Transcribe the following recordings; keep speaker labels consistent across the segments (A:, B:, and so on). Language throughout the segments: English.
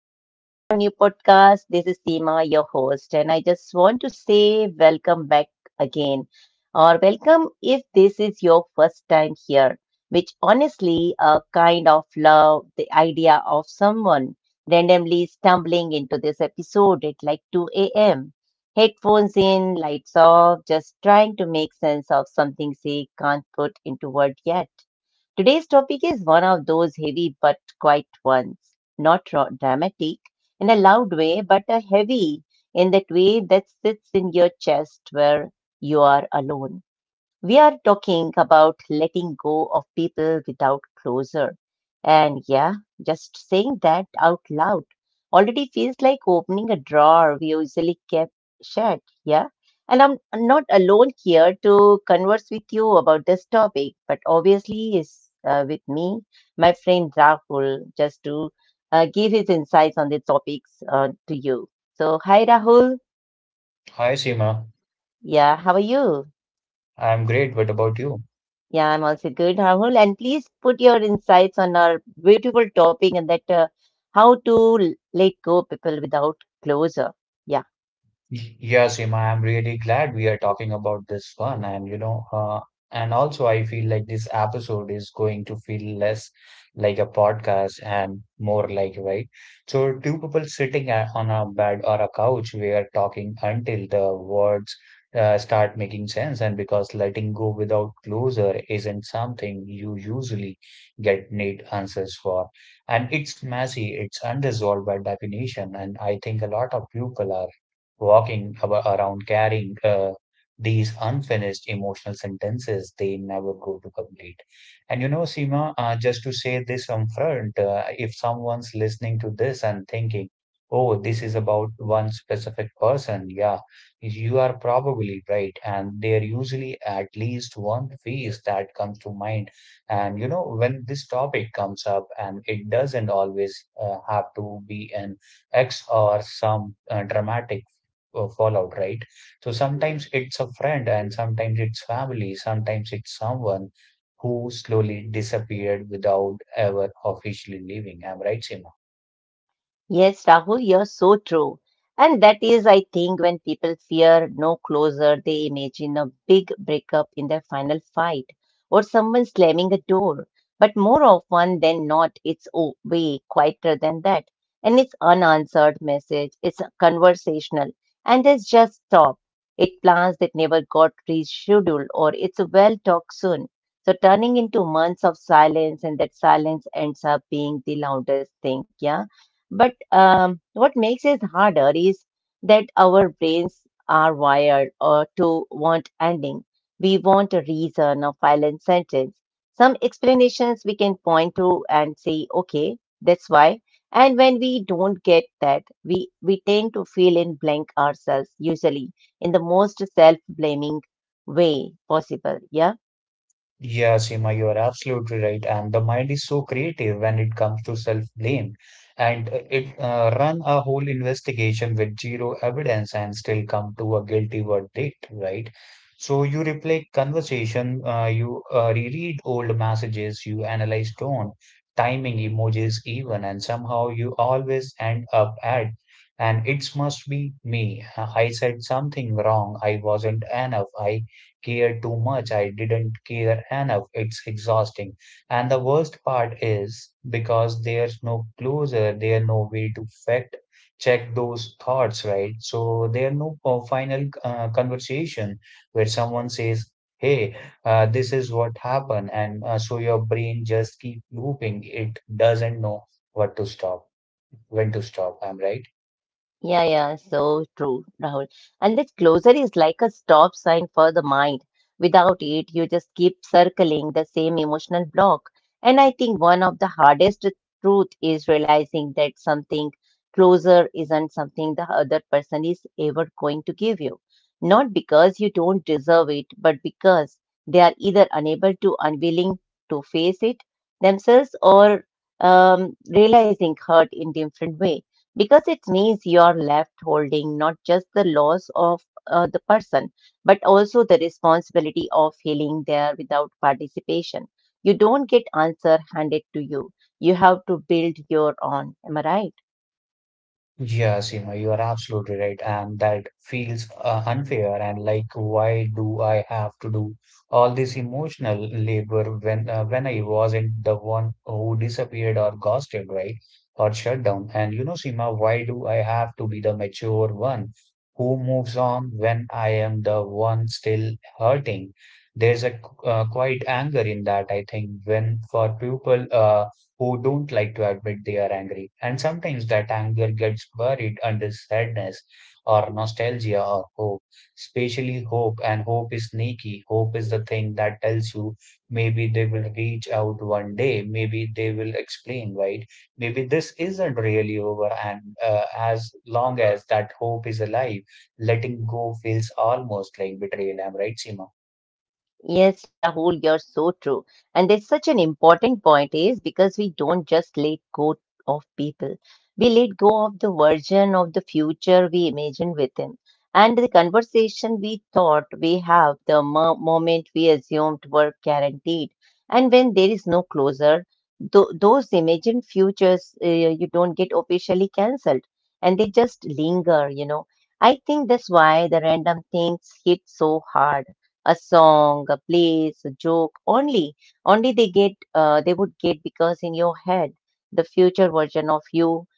A: Welcome back to our new podcast. This is Seema, your host, and I just want to say welcome back again, or welcome if this is your first time here, which honestly, a kind of love the idea of someone randomly stumbling into this episode at like 2 a.m. Headphones in, lights off, just trying to make sense of something they can't put into word yet. Today's topic is one of those heavy but quiet ones, not dramatic in a loud way, but a heavy in that way that sits in your chest where you are alone. We are talking about letting go of people without closure. And yeah, just saying that out loud already feels like opening a drawer we usually kept shut. Yeah. And I'm not alone here to converse with you about this topic, but obviously is with me my friend Rahul just to give his insights on the topics to you. So, hi Rahul.
B: Hi, Seema.
A: Yeah, how are you?
B: I'm great. What about you?
A: Yeah, I'm also good, Rahul. And please put your insights on our beautiful topic and that how to let go people without closure. Yeah?
B: Yeah, Seema, I'm really glad we are talking about this one. And also I feel like this episode is going to feel less like a podcast and more like, right? So, two people sitting on a bed or a couch, we are talking until the words start making sense. And because letting go without closure isn't something you usually get neat answers for. And it's messy, it's unresolved by definition. And I think a lot of people are walking around carrying these unfinished emotional sentences they never go to complete. And Seema, just to say this up front, if someone's listening to this and thinking, oh, this is about one specific person, yeah, you are probably right. And there usually at least one face that comes to mind. And when this topic comes up, and it doesn't always have to be an X or some dramatic fallout, right? So sometimes it's a friend, and sometimes it's family, sometimes it's someone who slowly disappeared without ever officially leaving. I'm right, Simon?
A: Yes, Rahul, you're so true. And that is, I think, when people fear no closer, they imagine a big breakup in their final fight or someone slamming a door. But more often than not, it's way quieter than that. And it's unanswered message, it's conversational, and it's just stop. It plans that never got rescheduled or it's a well talk soon. So turning into months of silence, and that silence ends up being the loudest thing, yeah? But what makes it harder is that our brains are wired or to want ending. We want a reason, a violent sentence, some explanations we can point to and say, okay, that's why. And when we don't get that, we tend to feel in blank ourselves, usually in the most self blaming way possible. Yeah.
B: Yeah, Seema, you are absolutely right. And the mind is so creative when it comes to self-blame, and it run a whole investigation with zero evidence and still come to a guilty verdict, right? So you replay conversation, you reread old messages, you analyze tone, timing, emojis, even, and somehow you always end up at, and it must be me. I said something wrong. I wasn't enough. I care too much. I didn't care enough. It's exhausting. And the worst part is because there's no closure, there's no way to fact check those thoughts, right? So there's no final conversation where someone says, hey, this is what happened. And so your brain just keep looping. It doesn't know what to stop, when to stop. I'm right.
A: Yeah, yeah, so true, Rahul. And that closure is like a stop sign for the mind. Without it, you just keep circling the same emotional block. And I think one of the hardest truth is realizing that something closer isn't something the other person is ever going to give you. Not because you don't deserve it, but because they are either unable to, unwilling to face it themselves or realizing hurt in different way because it means you are left holding not just the loss of the person, but also the responsibility of healing there without participation. You don't get answer handed to you. You have to build your own. Am I right?
B: Yeah, Seema, you are absolutely right, and that feels unfair. And like, why do I have to do all this emotional labor when I wasn't the one who disappeared or ghosted, right? Or shut down. And Seema, why do I have to be the mature one who moves on when I am the one still hurting? There's a quite anger in that, I think, when for people who don't like to admit they are angry. And sometimes that anger gets buried under sadness or nostalgia or hope, especially hope. And hope is sneaky. Hope is the thing that tells you maybe they will reach out one day, maybe they will explain, right? Maybe this isn't really over. And as long as that hope is alive, letting go feels almost like betrayal. Am I right, Seema?
A: Yes, Rahul, you're so true. And there's such an important point is because we don't just let go of people. We let go of the version of the future we imagine with them. And the conversation we thought we have, the moment we assumed were guaranteed. And when there is no closer, those imagined futures you don't get officially cancelled and they just linger, you know. I think that's why the random things hit so hard a song, a place, a joke. Only they get, they would get because in your head, the future version of you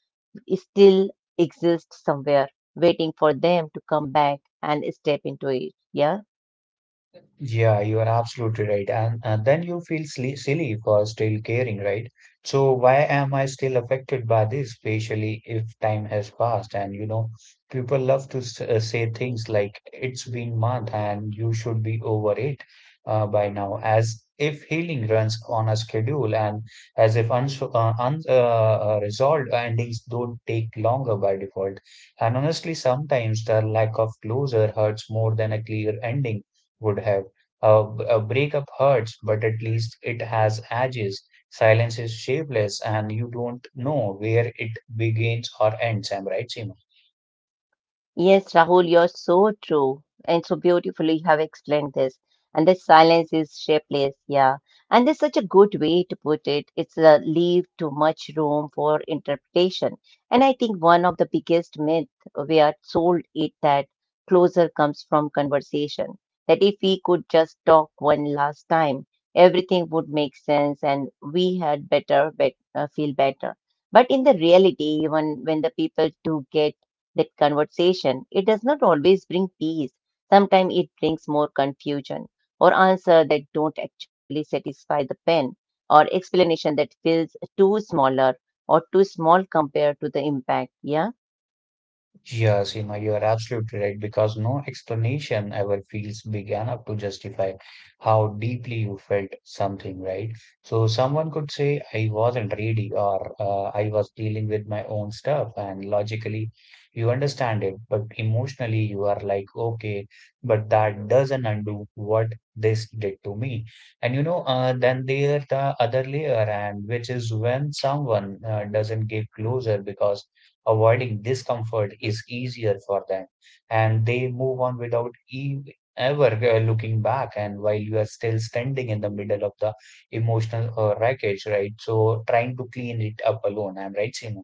A: is still exists somewhere, waiting for them to come back and step into it. Yeah.
B: Yeah, you are absolutely right. And then you feel silly, silly for still caring, right? So why am I still affected by this, especially if time has passed? And people love to say things like it's been month and you should be over it by now, as if healing runs on a schedule and as if unso un resolved endings don't take longer by default. And honestly, sometimes the lack of closure hurts more than a clear ending would have. A, a breakup hurts, but at least it has edges. Silence is shapeless, and you don't know where it begins or ends. I'm right, Seema.
A: Yes, Rahul, you're so true and so beautifully you have explained this. And this silence is shapeless, yeah. And there's such a good way to put it. It's a leave too much room for interpretation. And I think one of the biggest myth we are sold it that closure comes from conversation. That if we could just talk one last time, everything would make sense and we had better, bet feel better. But in the reality, even when the people do get that conversation. It does not always bring peace. Sometimes it brings more confusion or answer that don't actually satisfy the pen or explanation that feels too smaller or too small compared to the impact. Yeah.
B: Yeah, Seema, you are absolutely right because no explanation ever feels big enough to justify how deeply you felt something, right? So someone could say, I wasn't ready or I was dealing with my own stuff, and logically you understand it, but emotionally you are like, okay, but that doesn't undo what this did to me. And then there's the other layer, and which is when someone doesn't get closer because avoiding discomfort is easier for them, and they move on without e ever looking back. And while you are still standing in the middle of the emotional wreckage, right? So trying to clean it up alone. I'm right, Simon.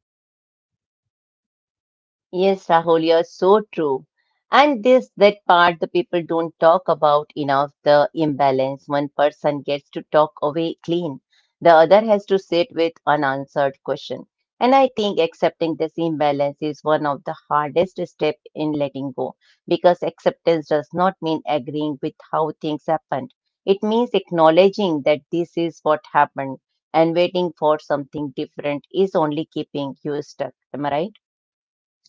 A: Yes, Rahul, you're so true. And this that part the people don't talk about enough, the imbalance. One person gets to talk away clean. The other has to sit with unanswered question. And I think accepting this imbalance is one of the hardest step in letting go because acceptance does not mean agreeing with how things happened. It means acknowledging that this is what happened and waiting for something different is only keeping you stuck. Am I right?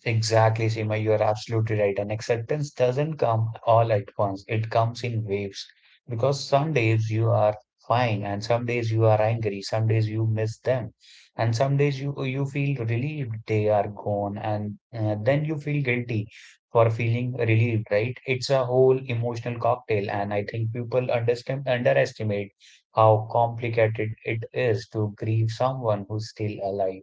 B: Exactly, Seema, you are absolutely right. And acceptance doesn't come all at once, it comes in waves. Because some days you are fine, and some days you are angry, some days you miss them, and some days you feel relieved they are gone, and then you feel guilty for feeling relieved, right? It's a whole emotional cocktail, and I think people understand underestimate how complicated it is to grieve someone who's still alive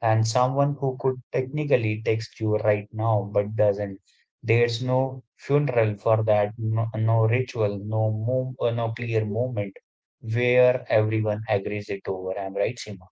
B: and someone who could technically text you right now but doesn't. There's no funeral for that, no ritual, no clear moment where everyone agrees it over. I'm right, Seema?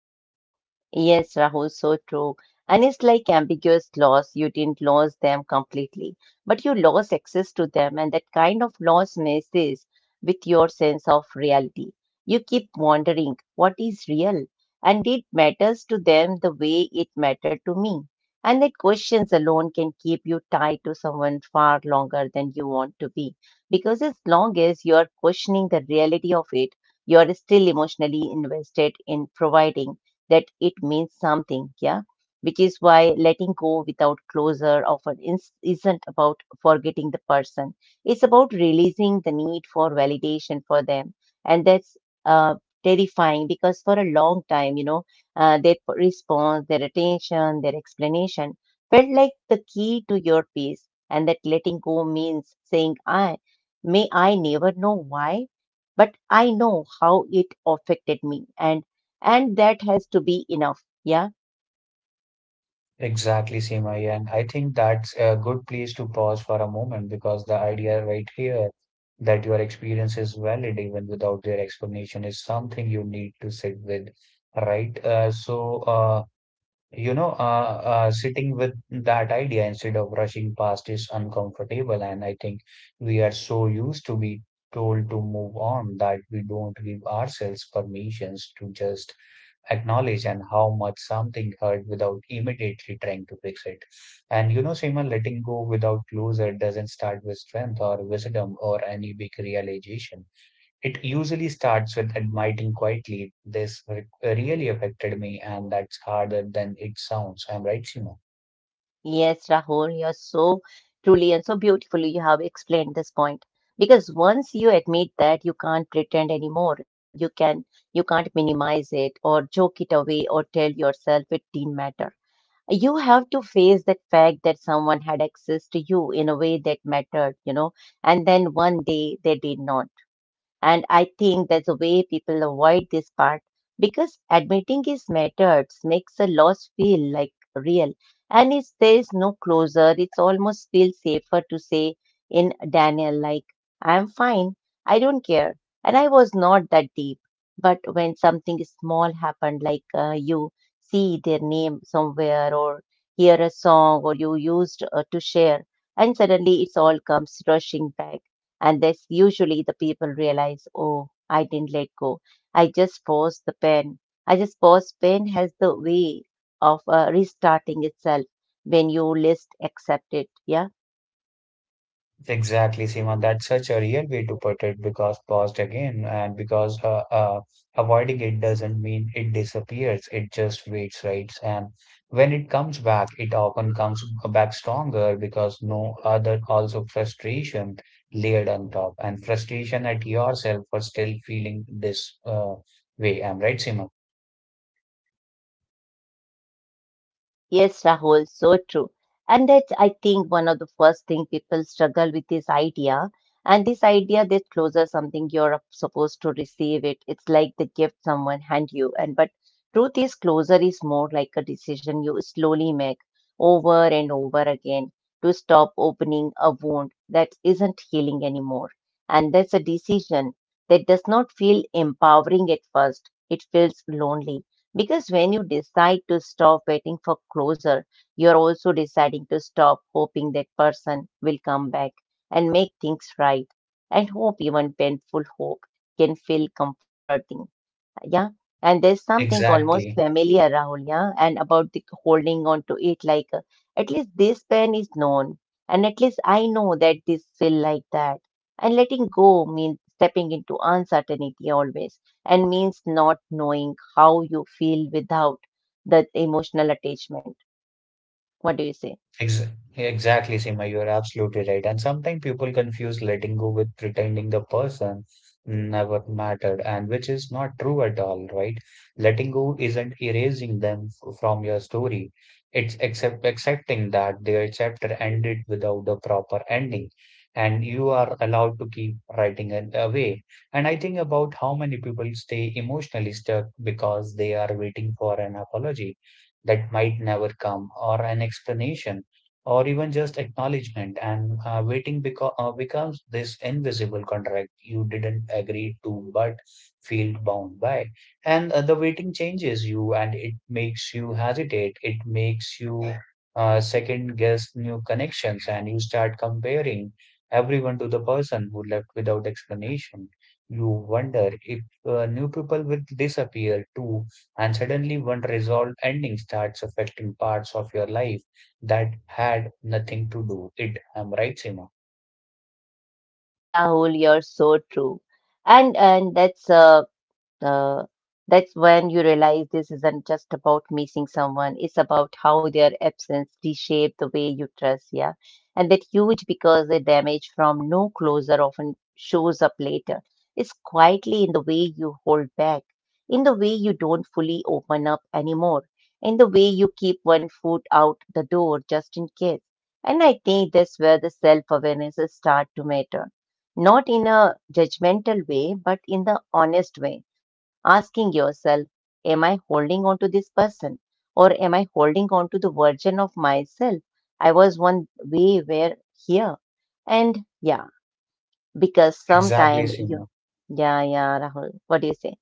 A: Yes, Rahul, so true. And it's like ambiguous loss. You didn't lose them completely, but you lost access to them, and that kind of loss messes with your sense of reality. You keep wondering what is real, and it matters to them the way it mattered to me. And that questions alone can keep you tied to someone far longer than you want to be, because as long as you are questioning the reality of it, you are still emotionally invested in providing that it means something, yeah? Which is why letting go without closure often isn't about forgetting the person. It's about releasing the need for validation for them. And that's uh, terrifying because for a long time, you know, their response, their attention, their explanation felt like the key to your peace. And that letting go means saying, I may I never know why, but I know how it affected me. And that has to be enough. Yeah.
B: Exactly, Seema. Yeah, and I think that's a good place to pause for a moment because the idea right here that your experience is valid even without their explanation is something you need to sit with, right? So, sitting with that idea instead of rushing past is uncomfortable, and I think we are so used to be told to move on that we don't give ourselves permissions to just acknowledge and how much something hurt without immediately trying to fix it. And Seema, letting go without closure doesn't start with strength or wisdom or any big realization. It usually starts with admitting quietly, this really affected me, and that's harder than it sounds. I'm right, Seema.
A: Yes, Rahul, you're so truly and so beautifully you have explained this point. Because once you admit that you can't pretend anymore, you can't minimize it or joke it away or tell yourself it didn't matter. You have to face that fact that someone had access to you in a way that mattered, you know, and then one day they did not. And I think that's the way people avoid this part because admitting his methods makes a loss feel like real. And if there is no closure, it's almost feels safer to say in Daniel, like, I'm fine, I don't care, and I was not that deep. But when something small happened, like you see their name somewhere, or hear a song, or you used to share, and suddenly it's all comes rushing back and that's usually the people realize, oh, I didn't let go. I just paused the pain. I just paused pain has the way of restarting itself when you least accept it. Yeah.
B: Exactly, Seema. That's such a real way to put it because paused again, and because avoiding it doesn't mean it disappears, it just waits, right? And when it comes back, it often comes back stronger because no other also frustration layered on top, and frustration at yourself for still feeling this way. I'm right, Seema.
A: Yes, Rahul, so true. And that's, I think, one of the first thing people struggle with this idea. And this idea that closure something you're supposed to receive it. It's like the gift someone hand you. And but truth is, closure is more like a decision you slowly make over and over again to stop opening a wound that isn't healing anymore. And that's a decision that does not feel empowering at first. It feels lonely because when you decide to stop waiting for closure, you're also deciding to stop hoping that person will come back and make things right. And hope, even painful hope, can feel comforting. Yeah. And there's something almost
B: Exactly.
A: familiar, Rahul, yeah, and about the holding on to it. Like, at least this pain is known, and at least I know that this feel like that. And letting go means stepping into uncertainty always, and means not knowing how you feel without that emotional attachment. What do you say?
B: Ex exactly, Seema, you are absolutely right. And sometimes people confuse letting go with pretending the person never mattered, and which is not true at all, right? Letting go isn't erasing them from your story. It's accepting that their chapter ended without the proper ending, and you are allowed to keep writing it away. And I think about how many people stay emotionally stuck because they are waiting for an apology that might never come or an explanation or even just acknowledgement and waiting becomes this invisible contract you didn't agree to but feel bound by and the waiting changes you and it makes you hesitate it makes you second guess new connections and you start comparing everyone to the person who left without explanation you wonder if new people will disappear too and suddenly one resolved ending starts affecting parts of your life that had nothing to do it. I'm right, Seema.
A: Yeah, Rahul, you're so true. And Uh, that's when you realize this isn't just about missing someone, it's about how their absence reshaped the way you trust, yeah. And that's huge because the damage from no closure often shows up later. It's quietly in the way you hold back, in the way you don't fully open up anymore, in the way you keep one foot out the door just in case. And I think that's where the self awareness start to matter. Not in a judgmental way, but in the honest way asking yourself, am I holding on to this person? Or am I holding on to the version of myself? I was one way where here. And yeah, because
B: Exactly,
A: sometime you
B: Seema.
A: yeah, yeah, Rahul. What do you say?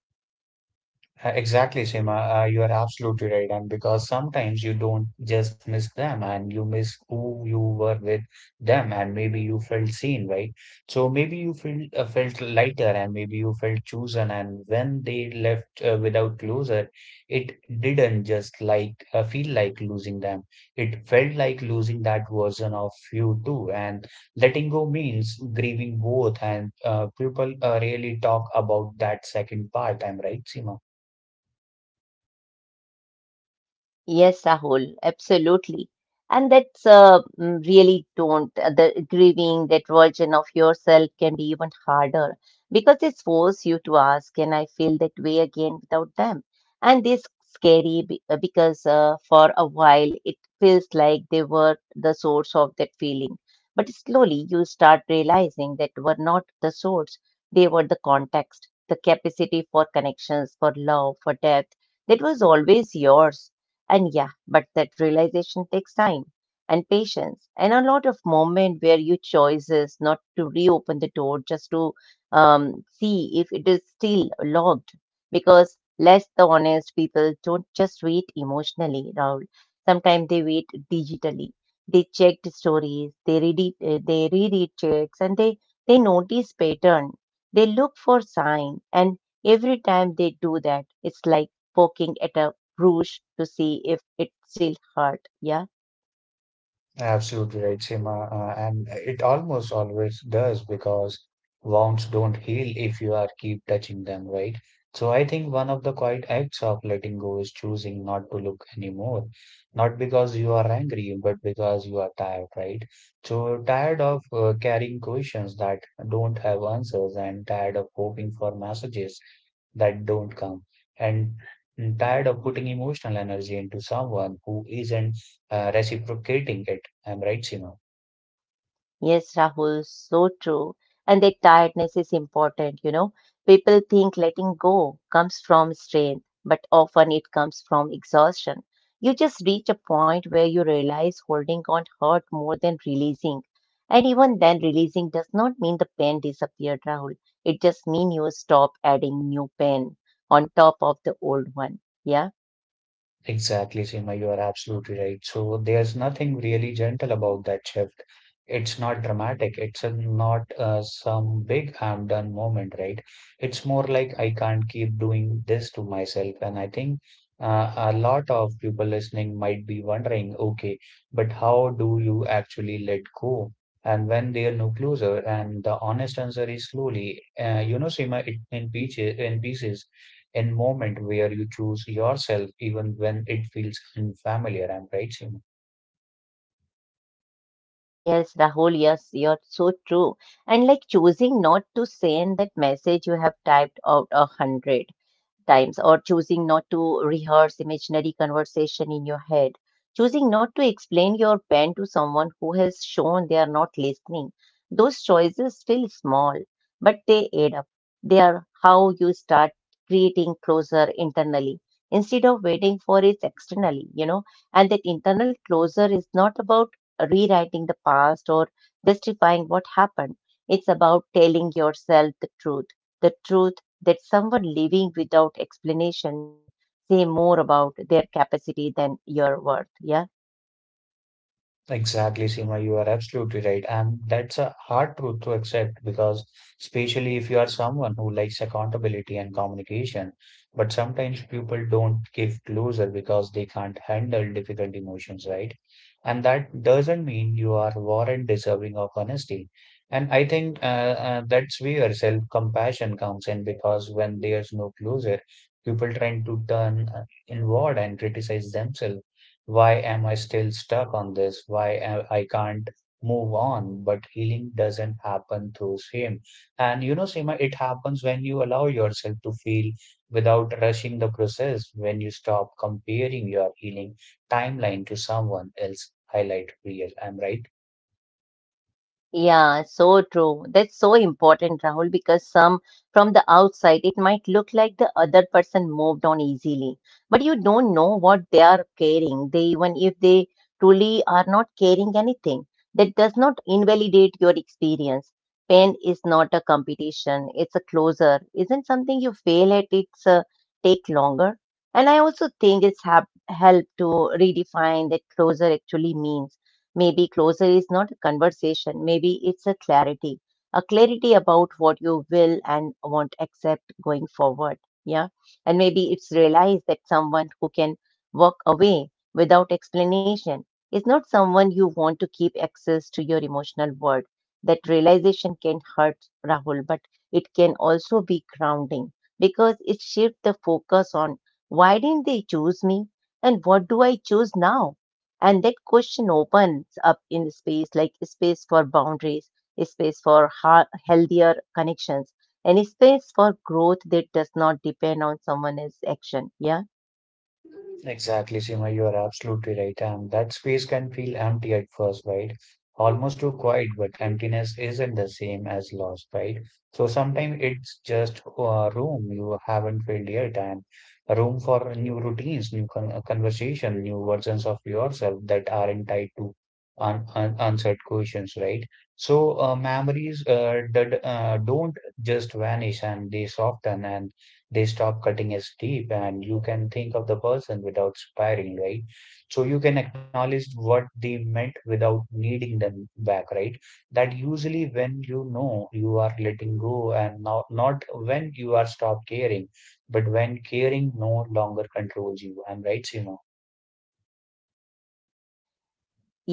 B: You are absolutely right. And because sometimes you don't just miss them and you miss who you were with them, and maybe you felt seen, right? So maybe you felt lighter and maybe you felt chosen. And when they left without closure, it didn't just like feel like losing them. It felt like losing that version of you too. And letting go means grieving both. And people really talk about that second part. I'm right, Seema.
A: Yes, Rahul, absolutely. And that's mm, really don't, the grieving that version of yourself can be even harder because it forces you to ask, can I feel that way again without them? And this because for a while it feels like they were the source of that feeling. But slowly you start realizing that were not the source, they were the context, the capacity for connections, for love, for depth. That was always yours and yeah, but that realization takes time and patience and a lot of moment where you choices not to reopen the door just to see if it is still locked because less the honest people don't just wait emotionally Raul. Sometimes they wait digitally. They check the stories, they read it. They reread checks and they notice pattern, they look for sign, and every time they do that it's like poking at a Bruges to see if it still hurt. Yeah.
B: Absolutely right, Seema. And it almost always does because wounds don't heal if you are keep touching them, right? So I think one of the quiet acts of letting go is choosing not to look anymore. Not because you are angry, but because you are tired, right? So tired of carrying questions that don't have answers and tired of hoping for messages that don't come and I'm tired of putting emotional energy into someone who isn't reciprocating it. I'm right, Sima.
A: Yes, Rahul, so true. And that tiredness is important, you know. People think letting go comes from strength, but often it comes from exhaustion. You just reach a point where you realize holding on hurt more than releasing. And even then, releasing does not mean the pain disappeared, Rahul. It just means you stop adding new pain on top of the old one. Yeah.
B: Exactly, Seema, you are absolutely right. So there's nothing really gentle about that shift. It's not dramatic. It's not some big I'm done moment, right? It's more like I can't keep doing this to myself. And I think a lot of people listening might be wondering, okay, but how do you actually let go? And when they are no closer, and the honest answer is slowly, Seema, it in pieces, in pieces. In moment where you choose yourself even when it feels unfamiliar. I'm right, Seema?
A: Yes, Rahul, yes, you're so true. And like choosing not to send that message you have typed out a hundred times, or choosing not to rehearse imaginary conversation in your head, choosing not to explain your pain to someone who has shown they are not listening. Those choices feel small, but they add up. They are how you start creating closure internally instead of waiting for it externally, you know. And that internal closure is not about rewriting the past or justifying what happened. It's about telling yourself the truth, the truth that someone leaving without explanation say more about their capacity than your worth. Yeah.
B: Exactly, Seema, you are absolutely right. And that's a hard truth to accept because, especially if you are someone who likes accountability and communication, but sometimes people don't give closer because they can't handle difficult emotions, right? And that doesn't mean you are warrant deserving of honesty. And I think that's where self-compassion comes in because when there's no closure, people tend to turn inward and criticize themselves why am I still stuck on this? Why am- I can't move on? But healing doesn't happen through shame. And you know, Seema, it happens when you allow yourself to feel without rushing the process, when you stop comparing your healing timeline to someone else highlight real. I'm right.
A: Yeah, so true. That's so important, Rahul, because some from the outside it might look like the other person moved on easily, but you don't know what they are carrying. They even if they truly are not carrying anything, that does not invalidate your experience. Pain is not a competition, it's a closer. Isn't something you fail at, it's a take longer. And I also think it's hap helped to redefine that closer actually means. Maybe closure is not a conversation, maybe it's a clarity about what you will and won't accept going forward. Yeah. And maybe it's realized that someone who can walk away without explanation is not someone you want to keep access to your emotional world. That realization can hurt Rahul, but it can also be grounding because it shifts the focus on why didn't they choose me, and what do I choose now? And that question opens up in space, like space for boundaries, space for healthier connections, and space for growth that does not depend on someone else's action. Yeah.
B: Exactly, Seema, you are absolutely right. And that space can feel empty at first, right? Almost too quiet, but emptiness isn't the same as loss, right? So sometimes it's just a room you haven't filled yet, and a room for new routines, new con conversation, new versions of yourself that aren't tied to un answered questions, right? So memories that, don't just vanish, and they soften and they stop cutting as deep, and you can think of the person without spiraling, right? So you can acknowledge what they meant without needing them back, right? That usually when you know you are letting go and not when you are stopped caring, but when caring no longer controls you. I'm right, Seema?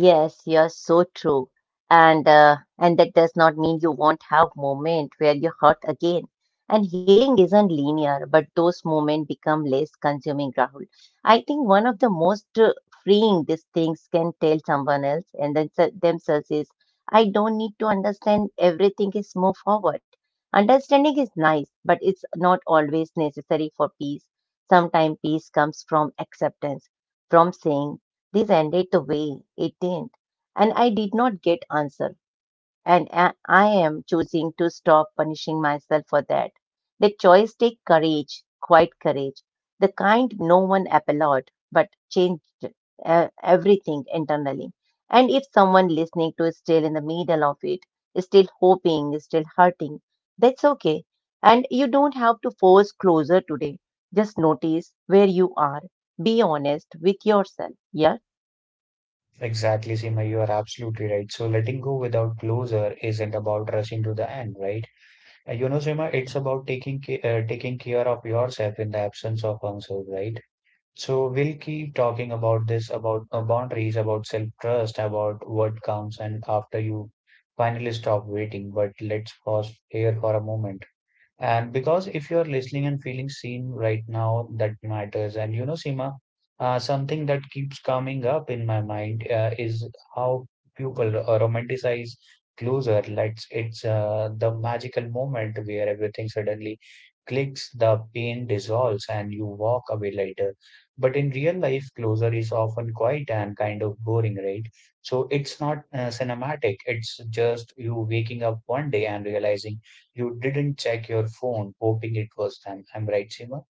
A: Yes, you're so true. And uh, and that does not mean you won't have moment where you hurt again. And healing isn't linear, but those moments become less consuming, Rahul. I think one of the most freeing these things can tell someone else and then themselves is, I don't need to understand everything is move forward. Understanding is nice, but it's not always necessary for peace. Sometimes peace comes from acceptance, from saying this ended the way it did, and I did not get answer. And I am choosing to stop punishing myself for that. The choice take courage, quite courage, the kind no one applaud, but changed everything internally. And if someone listening to is still in the middle of it, is still hoping, is still hurting, that's okay. And you don't have to force closer today. Just notice where you are. Be honest with yourself. Yeah.
B: Exactly, Seema, you are absolutely right. So letting go without closure isn't about rushing to the end, right? You know, Seema, it's about taking care of yourself in the absence of answers, right? So we'll keep talking about this, about boundaries, about self-trust, about what counts, and after you finally stop waiting. But let's pause here for a moment. And because if you're listening and feeling seen right now, that matters. And you know, Seema, something that keeps coming up in my mind is how people romanticize closer. Let's it's the magical moment where everything suddenly clicks, the pain dissolves, and you walk away later. But in real life, closer is often quiet and kind of boring, right? So it's not cinematic. It's just you waking up one day and realizing you didn't check your phone hoping it was time. I'm right, Seema?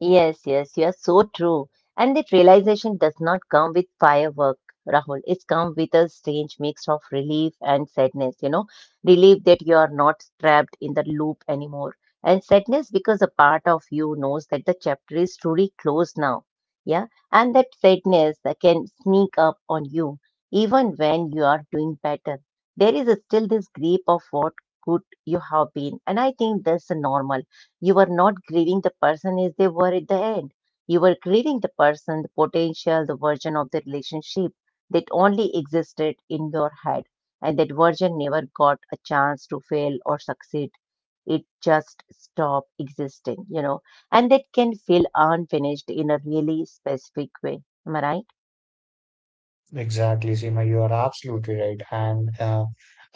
A: Yes, yes, you are so true. And that realization does not come with firework, Rahul. It's come with a strange mix of relief and sadness, you know, relief that you are not trapped in the loop anymore, and sadness because a part of you knows that the chapter is truly closed now. Yeah, and that sadness that can sneak up on you even when you are doing better. There is still this grip of what could you have been, and I think that's normal you were not grieving the person as they were at the end. You were grieving the person, the potential, the version of the relationship that only existed in your head. And that version never got a chance to fail or succeed. It just stopped existing, you know. And that can feel unfinished in a really specific way. Am I right?
B: Exactly, Seema, you are absolutely right. And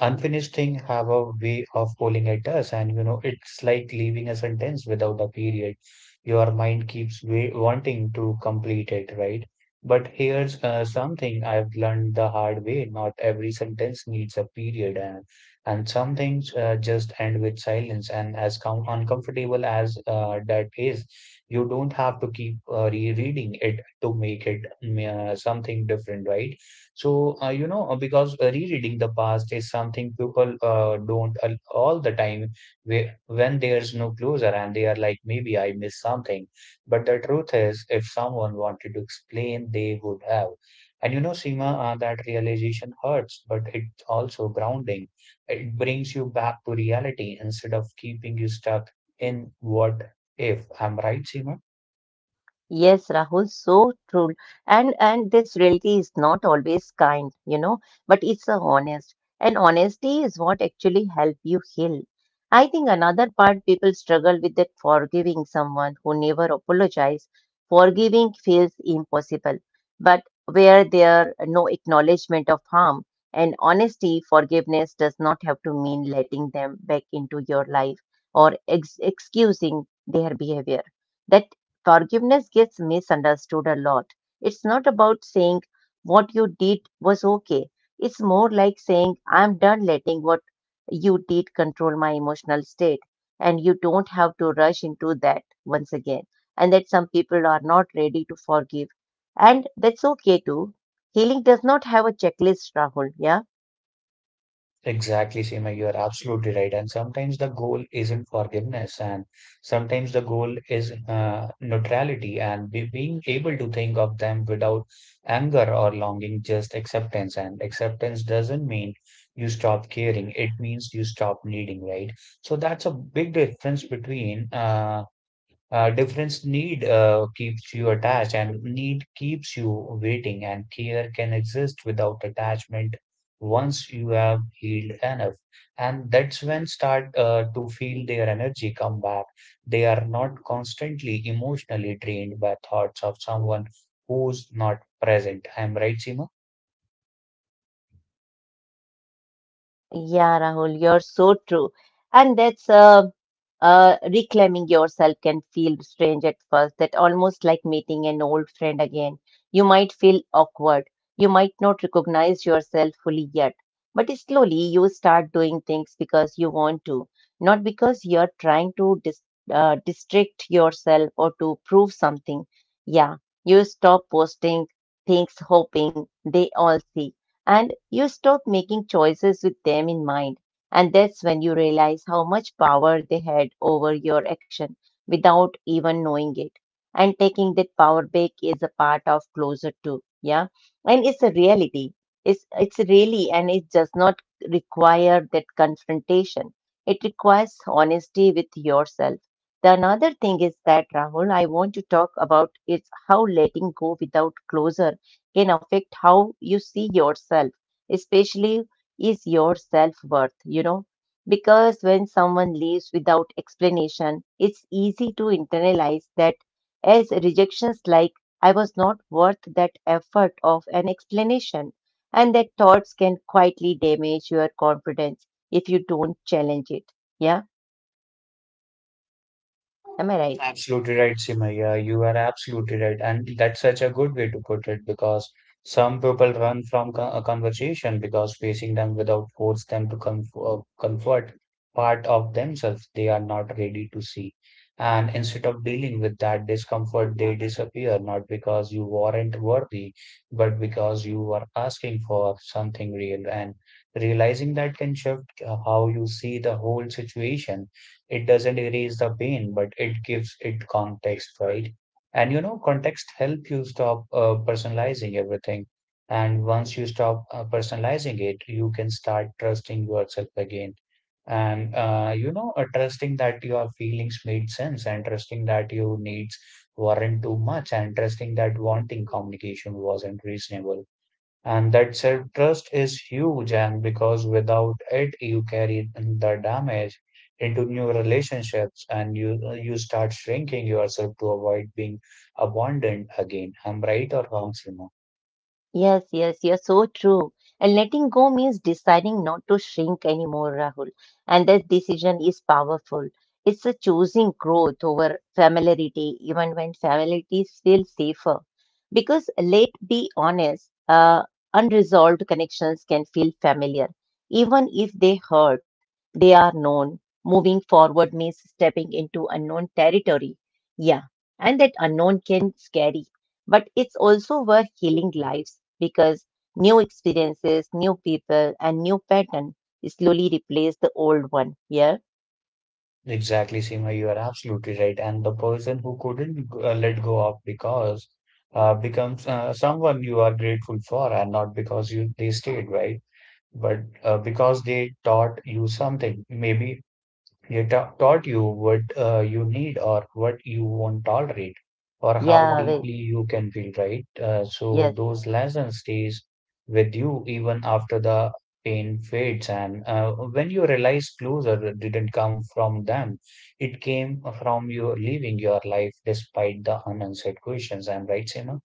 B: unfinished things have a way of pulling at us, and you know, it's like leaving a sentence without a period. Your mind keeps wanting to complete it, right? But here's something I've learned the hard way. Not every sentence needs a period, and some things just end with silence. And as com uncomfortable as that is, you don't have to keep rereading it to make it something different, right? So, you know, because rereading the past is something people don't al- all the time where, when there's no closure, and they are like, maybe I missed something. But the truth is, if someone wanted to explain, they would have. And you know, Seema, that realization hurts, but it's also grounding. It brings you back to reality instead of keeping you stuck in what if. I'm right, Seema?
A: Yes, Rahul, so true. And this reality is not always kind, you know, but it's a honest. And honesty is what actually help you heal. I think another part people struggle with that forgiving someone who never apologize. Forgiving feels impossible. But where there are no acknowledgement of harm and honesty, forgiveness does not have to mean letting them back into your life or excusing their behavior That. Forgiveness gets misunderstood a lot. It's not about saying what you did was okay. It's more like saying, I'm done letting what you did control my emotional state. And you don't have to rush into that once again. And that some people are not ready to forgive. And that's okay too. Healing does not have a checklist, Rahul. Yeah.
B: Exactly, Seema, you are absolutely right. And sometimes the goal isn't forgiveness, and sometimes the goal is neutrality and be being able to think of them without anger or longing, just acceptance. And acceptance doesn't mean you stop caring, it means you stop needing, right? So that's a big difference between difference. Need keeps you attached, and need keeps you waiting, and care can exist without attachment once you have healed enough, and that's when start to feel their energy come back. They are not constantly emotionally drained by thoughts of someone who's not present. I'm right, Seema?
A: Yeah, Rahul, you're so true. And that's Reclaiming yourself can feel strange at first, that almost like meeting an old friend again. You might feel awkward. You might not recognize yourself fully yet. But slowly you start doing things because you want to, not because you're trying to distract yourself or to prove something. Yeah, you stop posting things hoping they all see and you stop making choices with them in mind. And that's when you realize how much power they had over your action without even knowing it. And taking that power back is a part of closer to, yeah. And it's a reality. It's really and it does not require that confrontation. It requires honesty with yourself. The another thing is that Rahul, I want to talk about is how letting go without closure can affect how you see yourself, especially is your self worth, you know. Because when someone leaves without explanation, it's easy to internalize that as rejections like, I was not worth that effort of an explanation, and that thoughts can quietly damage your confidence if you don't challenge it. Yeah, am I right?
B: Absolutely right, Sima. Yeah, you are absolutely right. And that's such a good way to put it because some people run from a conversation because facing them without force them to comfort part of themselves they are not ready to see. And instead of dealing with that discomfort, they disappear, not because you weren't worthy, but because you were asking for something real. And realizing that can shift how you see the whole situation. It doesn't erase the pain, but it gives it context, right? And you know, context help you stop personalizing everything. And once you stop personalizing it, you can start trusting yourself again. And you know, trusting that your feelings made sense, and trusting that your needs weren't too much, and trusting that wanting communication wasn't reasonable, and that self-trust is huge, and because without it you carry the damage into new relationships, and you start shrinking yourself to avoid being abandoned again. I'm right or wrong, Seema?
A: Yes, yes, you're so true. And letting go means deciding not to shrink anymore, Rahul. And that decision is powerful. It's a choosing growth over familiarity, even when familiarity feels safer. Because let's be honest. Unresolved connections can feel familiar. Even if they hurt, they are known. Moving forward means stepping into unknown territory. Yeah. And that unknown can scare, but it's also worth healing lives because new experiences, new people, and new pattern slowly replace the old one. Yeah,
B: Exactly, Seema, you are absolutely right. And the person who couldn't let go of because becomes someone you are grateful for, and not because you they stayed, right? But because they taught you something. Maybe You ta taught you what you need or what you won't tolerate or how
A: yeah, wait.
B: deeply you can feel, right? So
A: Yes.
B: those lessons stays with you even after the pain fades. And when you realize closure didn't come from them, it came from you living your life despite the unanswered questions. I'm right, Seema?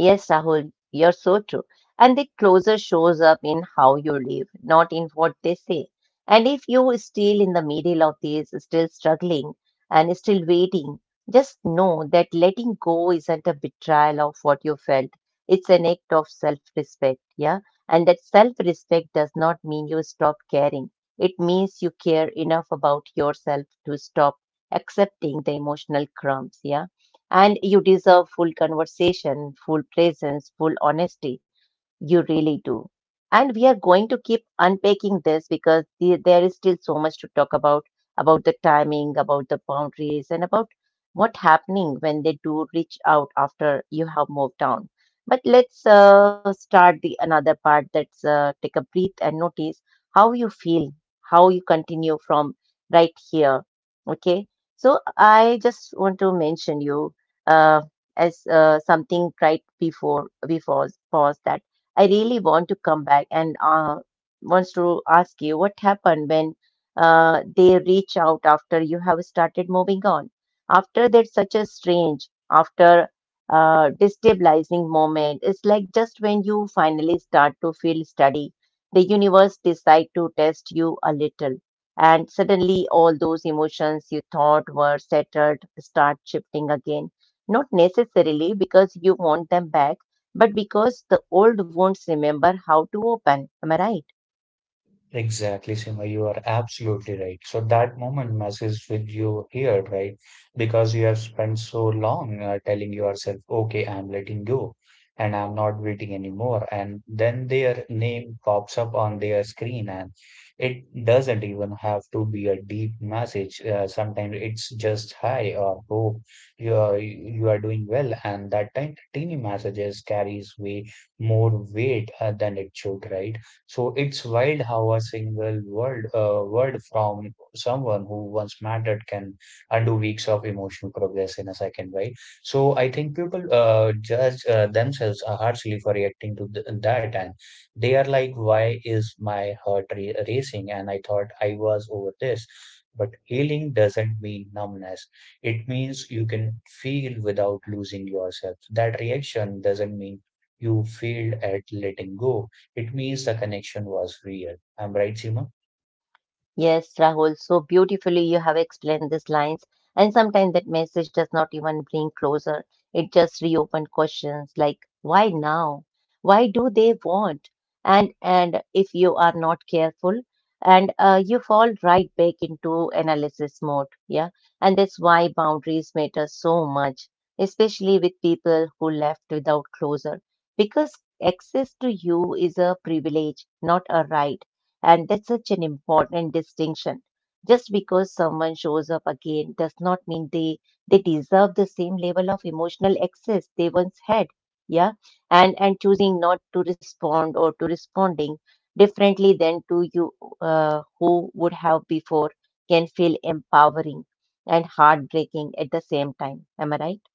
A: Yes, Rahul, you're so true. And the closer shows up in how you live, not in what they say. And if you are still in the middle of this, still struggling and still waiting, just know that letting go isn't a betrayal of what you felt. It's an act of self respect, yeah? And that self respect does not mean you stop caring. It means you care enough about yourself to stop accepting the emotional crumbs, yeah? And you deserve full conversation, full presence, full honesty. You really do. And we are going to keep unpacking this because the, there is still so much to talk about the timing, about the boundaries, and about what happening when they do reach out after you have moved on. But let's start the another part. Let's take a breath and notice how you feel, how you continue from right here. Okay. So I just want to mention you uh, as something right before pause that I really want to come back and wants to ask you what happened when they reach out after you have started moving on. After that, such a strange, after destabilizing moment, it's like just when you finally start to feel steady, the universe decide to test you a little, and suddenly all those emotions you thought were settled start shifting again. Not necessarily because you want them back, but because the old wounds remember how to open. Am I right?
B: Exactly, Sima. You are absolutely right. So that moment messes with you here, right? Because you have spent so long telling yourself, okay, I'm letting go and I'm not waiting anymore. And then their name pops up on their screen, and it doesn't even have to be a deep message. Sometimes it's just hi or hope you are doing well. And that tiny, teeny messages carries way more weight than it should, right? So it's wild how a single word, word from someone who once mattered can undo weeks of emotional progress in a second, right? So I think people judge themselves harshly for reacting to th that, and they are like, "Why is my heart racing?" And I thought I was over this. But healing doesn't mean numbness. It means you can feel without losing yourself. That reaction doesn't mean you failed at letting go, it means the connection was real. I'm right, Seema?
A: Yes, Rahul, so beautifully you have explained these lines. And sometimes that message does not even bring closer. It just reopens questions like, why now? Why do they want? And if you are not careful, and you fall right back into analysis mode. Yeah. And that's why boundaries matter so much, especially with people who left without closure. Because access to you is a privilege, not a right, and that's such an important distinction. Just because someone shows up again does not mean they deserve the same level of emotional access they once had. Yeah. And choosing not to respond or to responding differently than to you who would have before can feel empowering and heartbreaking at the same time. Am I right?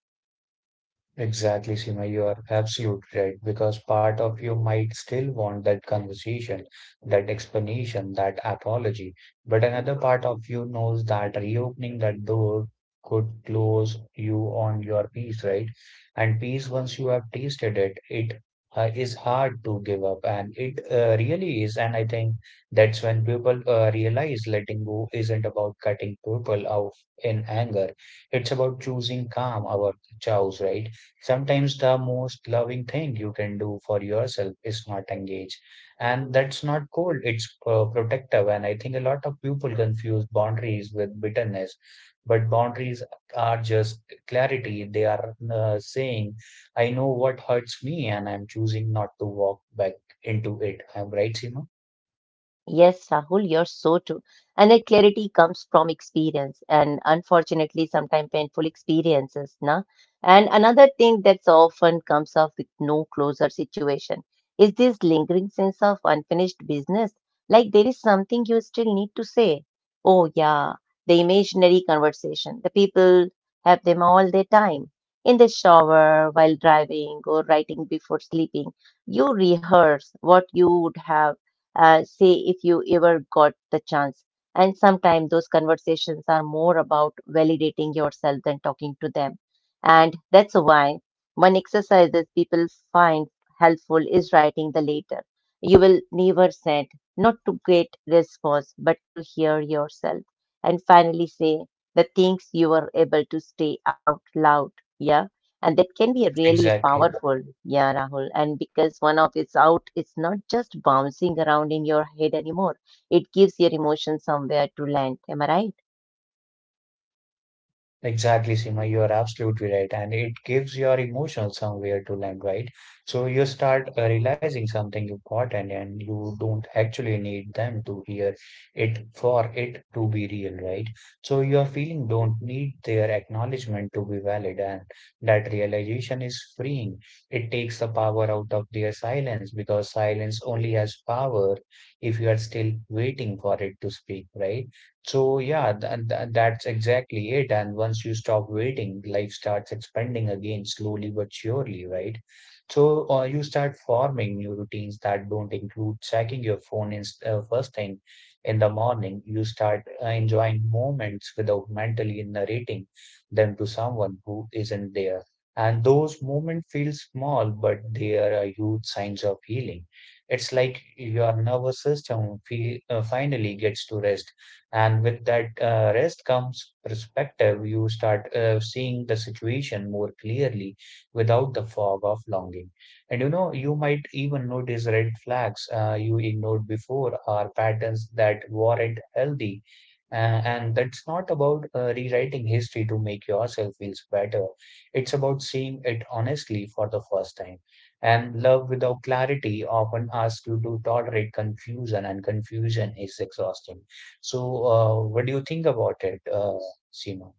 B: Exactly, Seema, you are absolutely right, because part of you might still want that conversation, that explanation, that apology, but another part of you knows that reopening that door could close you on your peace, right? And peace, once you have tasted it, it is hard to give up, and it really is. And I think that's when people realize letting go isn't about cutting people off in anger, it's about choosing calm, our chows, right? Sometimes the most loving thing you can do for yourself is not engage. And that's not cold, it's protective. And I think a lot of people confuse boundaries with bitterness, but boundaries are just clarity. They are saying, I know what hurts me, and I'm choosing not to walk back into it. I'm right, Seema?
A: Yes, Rahul, you're so true. And that clarity comes from experience and unfortunately sometimes painful experiences, na? And another thing that's often comes up with no closer situation is this lingering sense of unfinished business. Like there is something you still need to say. Oh yeah, the imaginary conversation. The people have them all their time. In the shower, while driving or writing before sleeping, you rehearse what you would have say if you ever got the chance. And sometimes those conversations are more about validating yourself than talking to them. And that's why one exercise that people find helpful is writing the letter. You will never send, not to get response, but to hear yourself. And finally say the things you were able to say out loud. Yeah, and that can be a really
B: Exactly.
A: powerful yeah, Rahul. And because one of it's out, it's not just bouncing around in your head anymore. It gives your emotion somewhere to land, am I right?
B: Exactly, Sima, you are absolutely right. And it gives your emotional somewhere to land, right? So you start realizing something important, and you don't actually need them to hear it for it to be real, right? So your feeling don't need their acknowledgement to be valid, and that realization is freeing. It takes the power out of their silence, because silence only has power if you are still waiting for it to speak, right? So yeah, th th that's exactly it. And once you stop waiting, life starts expanding again slowly but surely, right? So you start forming new routines that don't include checking your phone in, first thing in the morning. You start enjoying moments without mentally narrating them to someone who isn't there. And those moments feel small, but they are a huge signs of healing. It's like your nervous system finally gets to rest, and with that rest comes perspective. You start seeing the situation more clearly, without the fog of longing. And you know, you might even notice red flags you ignored before, or patterns that weren't healthy, uh, and that's not about rewriting history to make yourself feel better, it's about seeing it honestly for the first time. And love without clarity often asks you to tolerate confusion, and confusion is exhausting. So, what do you think about it, Seema?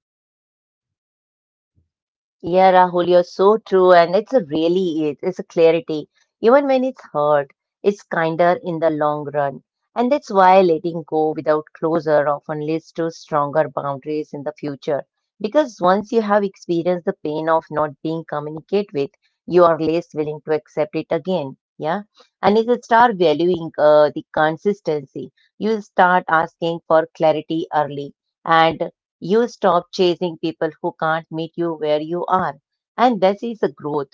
A: Yeah, Rahul, you're so true, and it's a really is. It's a clarity. Even when it's hurt, it's kinder in the long run. And that's why letting go without closure often leads to stronger boundaries in the future. Because once you have experienced the pain of not being communicated with, you are less willing to accept it again. Yeah. And if you start valuing the consistency, you start asking for clarity early. And you stop chasing people who can't meet you where you are. And that is a growth.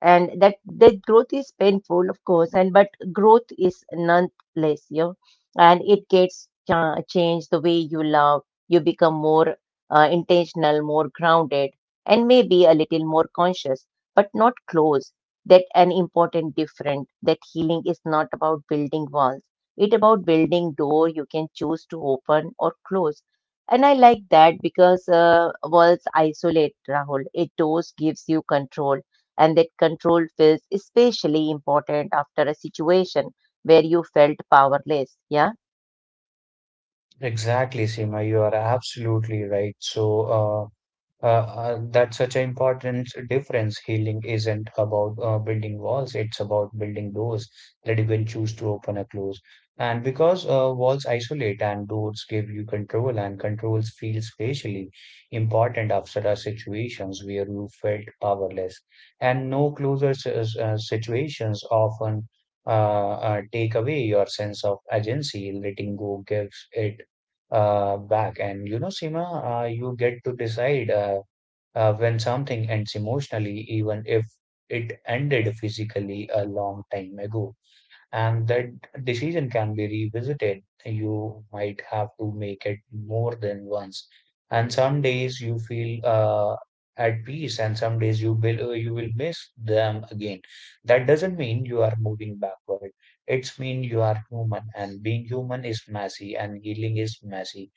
A: And that growth is painful, of course, and but growth is nonetheless, you know, and it gets changed the way you love. You become more intentional, more grounded, and maybe a little more conscious, but not close. That an important different. That healing is not about building walls. It about building door you can choose to open or close, and I like that because walls isolate, Rahul. A dose gives you control, and that control feels especially important after a situation where you felt powerless. Yeah.
B: Exactly, Seema, you are absolutely right. So, that's such an important difference. Healing isn't about building walls, it's about building doors that you can choose to open or close. And because walls isolate and doors give you control, and controls feel spatially important after a situations where you felt powerless. And no closer situations often uh, take away your sense of agency. Letting go gives it back. And you know, Sima, you get to decide. When something ends emotionally, even if it ended physically a long time ago, and that decision can be revisited. You might have to make it more than once. And some days you feel at peace, and some days you will you will miss them again. That doesn't mean you are moving backward. It's mean you are human, and being human is messy, and healing is messy,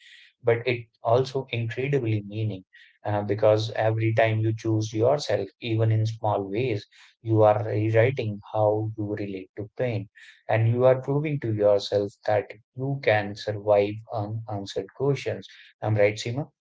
B: but it also incredibly meaning because every time you choose yourself, even in small ways, you are rewriting how you relate to pain, and you are proving to yourself that you can survive unanswered questions. I'm right, Seema?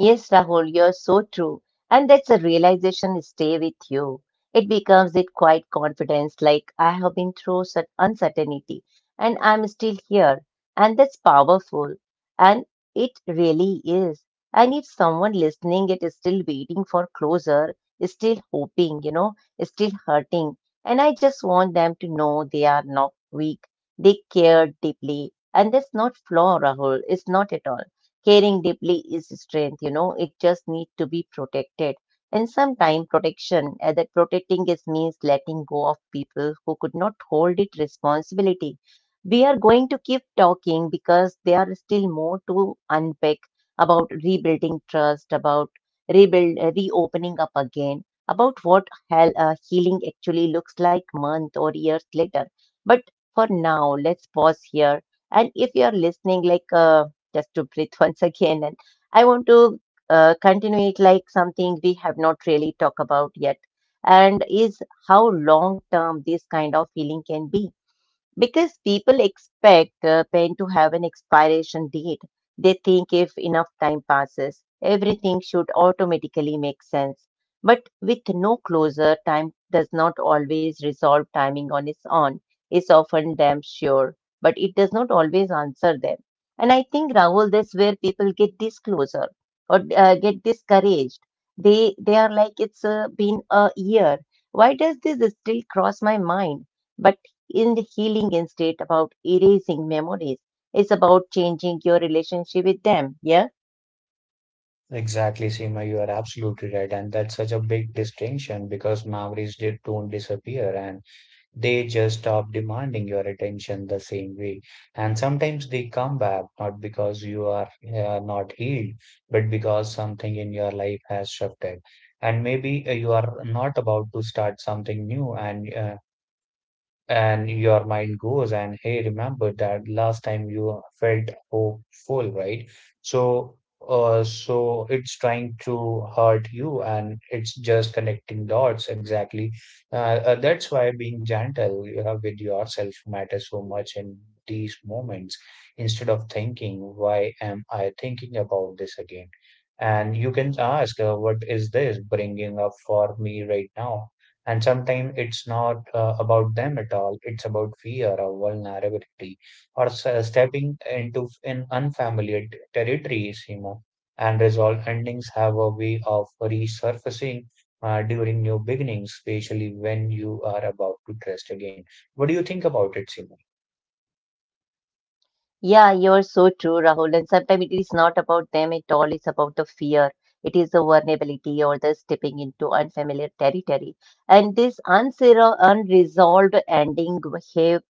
A: Yes, Rahul, you're so true. And that's a realization stay with you. It becomes it quite confidence, like I have been through such uncertainty and I'm still here. And that's powerful. And it really is. And if someone listening, it is still waiting for closure, is still hoping, you know, is still hurting. And I just want them to know they are not weak. They care deeply. And that's not flaw, Rahul. It's not at all. Caring deeply is strength, you know, it just needs to be protected. And sometimes protection that protecting is means letting go of people who could not hold it responsibility. We are going to keep talking because there are still more to unpack about rebuilding trust, about rebuild reopening up again, about what healing actually looks like month or years later. But for now let's pause here. And if you're listening like just to breathe once again. And I want to continue it like something we have not really talked about yet, and is how long term this kind of feeling can be. Because people expect pain to have an expiration date. They think if enough time passes, everything should automatically make sense. But with no closure, time does not always resolve timing on its own. It's often damn sure, but it does not always answer them. And I think Rahul, that's where people get this closure or get discouraged. They are like it's been a year. Why does this still cross my mind? But isn't healing instead about erasing memories. It's about changing your relationship with them. Yeah.
B: Exactly, Seema, you are absolutely right. And that's such a big distinction because don't disappear, and they just stop demanding your attention the same way. And sometimes they come back not because you are not healed, but because something in your life has shifted. And maybe you are not about to start something new, and your mind goes, and hey, remember that last time you felt hopeful, right? So so it's trying to hurt you, and it's just connecting dots exactly. uh, that's why being gentle with yourself matters so much in these moments. Instead of thinking why am I thinking about this again, and you can ask, what is this bringing up for me right now? And sometimes it's not about them at all. It's about fear or vulnerability or stepping into in unfamiliar territories, you know. And resolve endings have a way of resurfacing during new beginnings, especially when you are about to trust again. What do you think about it, Simo?
A: Yeah, you're so true, Rahul. And sometimes it is not about them at all. It's about the fear. It is the vulnerability or the stepping into unfamiliar territory. And this unresolved ending have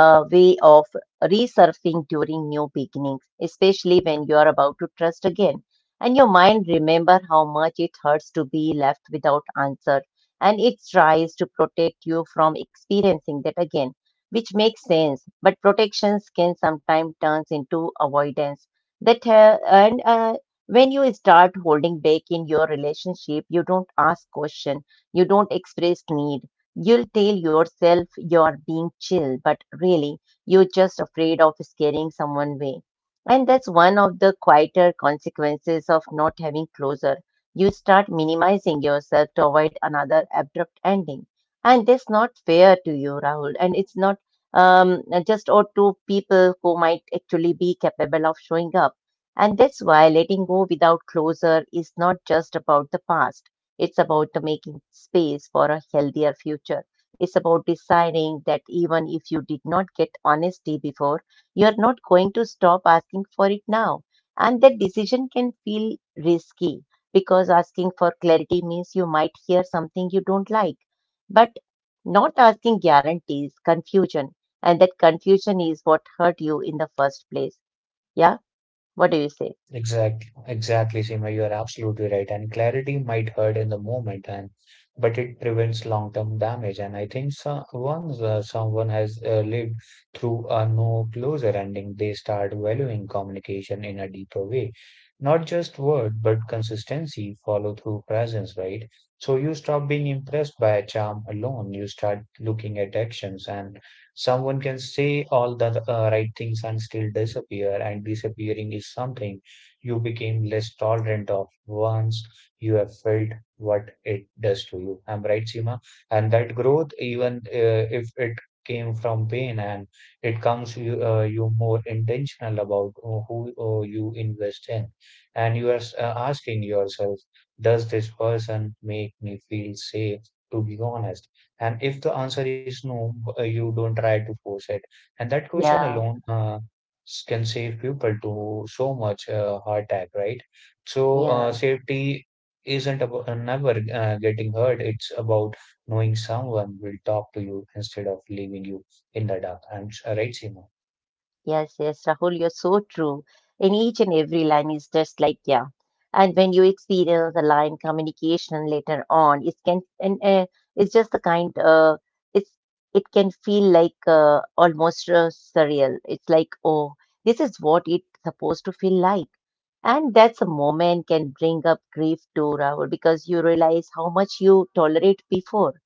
A: a way of resurfacing during new beginnings, especially when you are about to trust again. And your mind remember how much it hurts to be left without answer. And it tries to protect you from experiencing that again, which makes sense. But protections can sometimes turn into avoidance. That and When you start holding back in your relationship, you don't ask question, you don't express need. You'll tell yourself you're being chill, but really you're just afraid of scaring someone away. And that's one of the quieter consequences of not having closure. You start minimizing yourself to avoid another abrupt ending, and that's not fair to you, Rahul, and it's not just or to people who might actually be capable of showing up. And that's why letting go without closure is not just about the past. It's about the making space for a healthier future. It's about deciding that even if you did not get honesty before, you're not going to stop asking for it now. And that decision can feel risky because asking for clarity means you might hear something you don't like. But not asking guarantees confusion, and that confusion is what hurt you in the first place. Yeah? What do you say?
B: Exactly, Seema. You are absolutely right. And clarity might hurt in the moment, and but it prevents long-term damage. And I think so, once someone has lived through a no closure ending, they start valuing communication in a deeper way. Not just word, but consistency, follow through, presence, right? So you stop being impressed by a charm alone. You start looking at actions, and someone can say all the right things and still disappear. And disappearing is something you became less tolerant of once you have felt what it does to you. I'm right, Seema. And that growth, even if it came from pain, and it comes you, you more intentional about who you invest in. And you are asking yourself, does this person make me feel safe? To be honest, and if the answer is no, you don't try to force it. And that question
A: Yeah,
B: alone can save people to so much heart attack, right? So
A: yeah,
B: safety isn't about never getting hurt. It's about knowing someone will talk to you instead of leaving you in the dark. And right, Seema?
A: yes, Rahul, you're so true. In each and every line is just like, yeah. And when you experience the line communication later on, it can, and it's just the kind, it's, it can feel like almost surreal. It's like, oh, this is what it's supposed to feel like. And that's a moment can bring up grief too, Rahul, because you realize how much you tolerate before.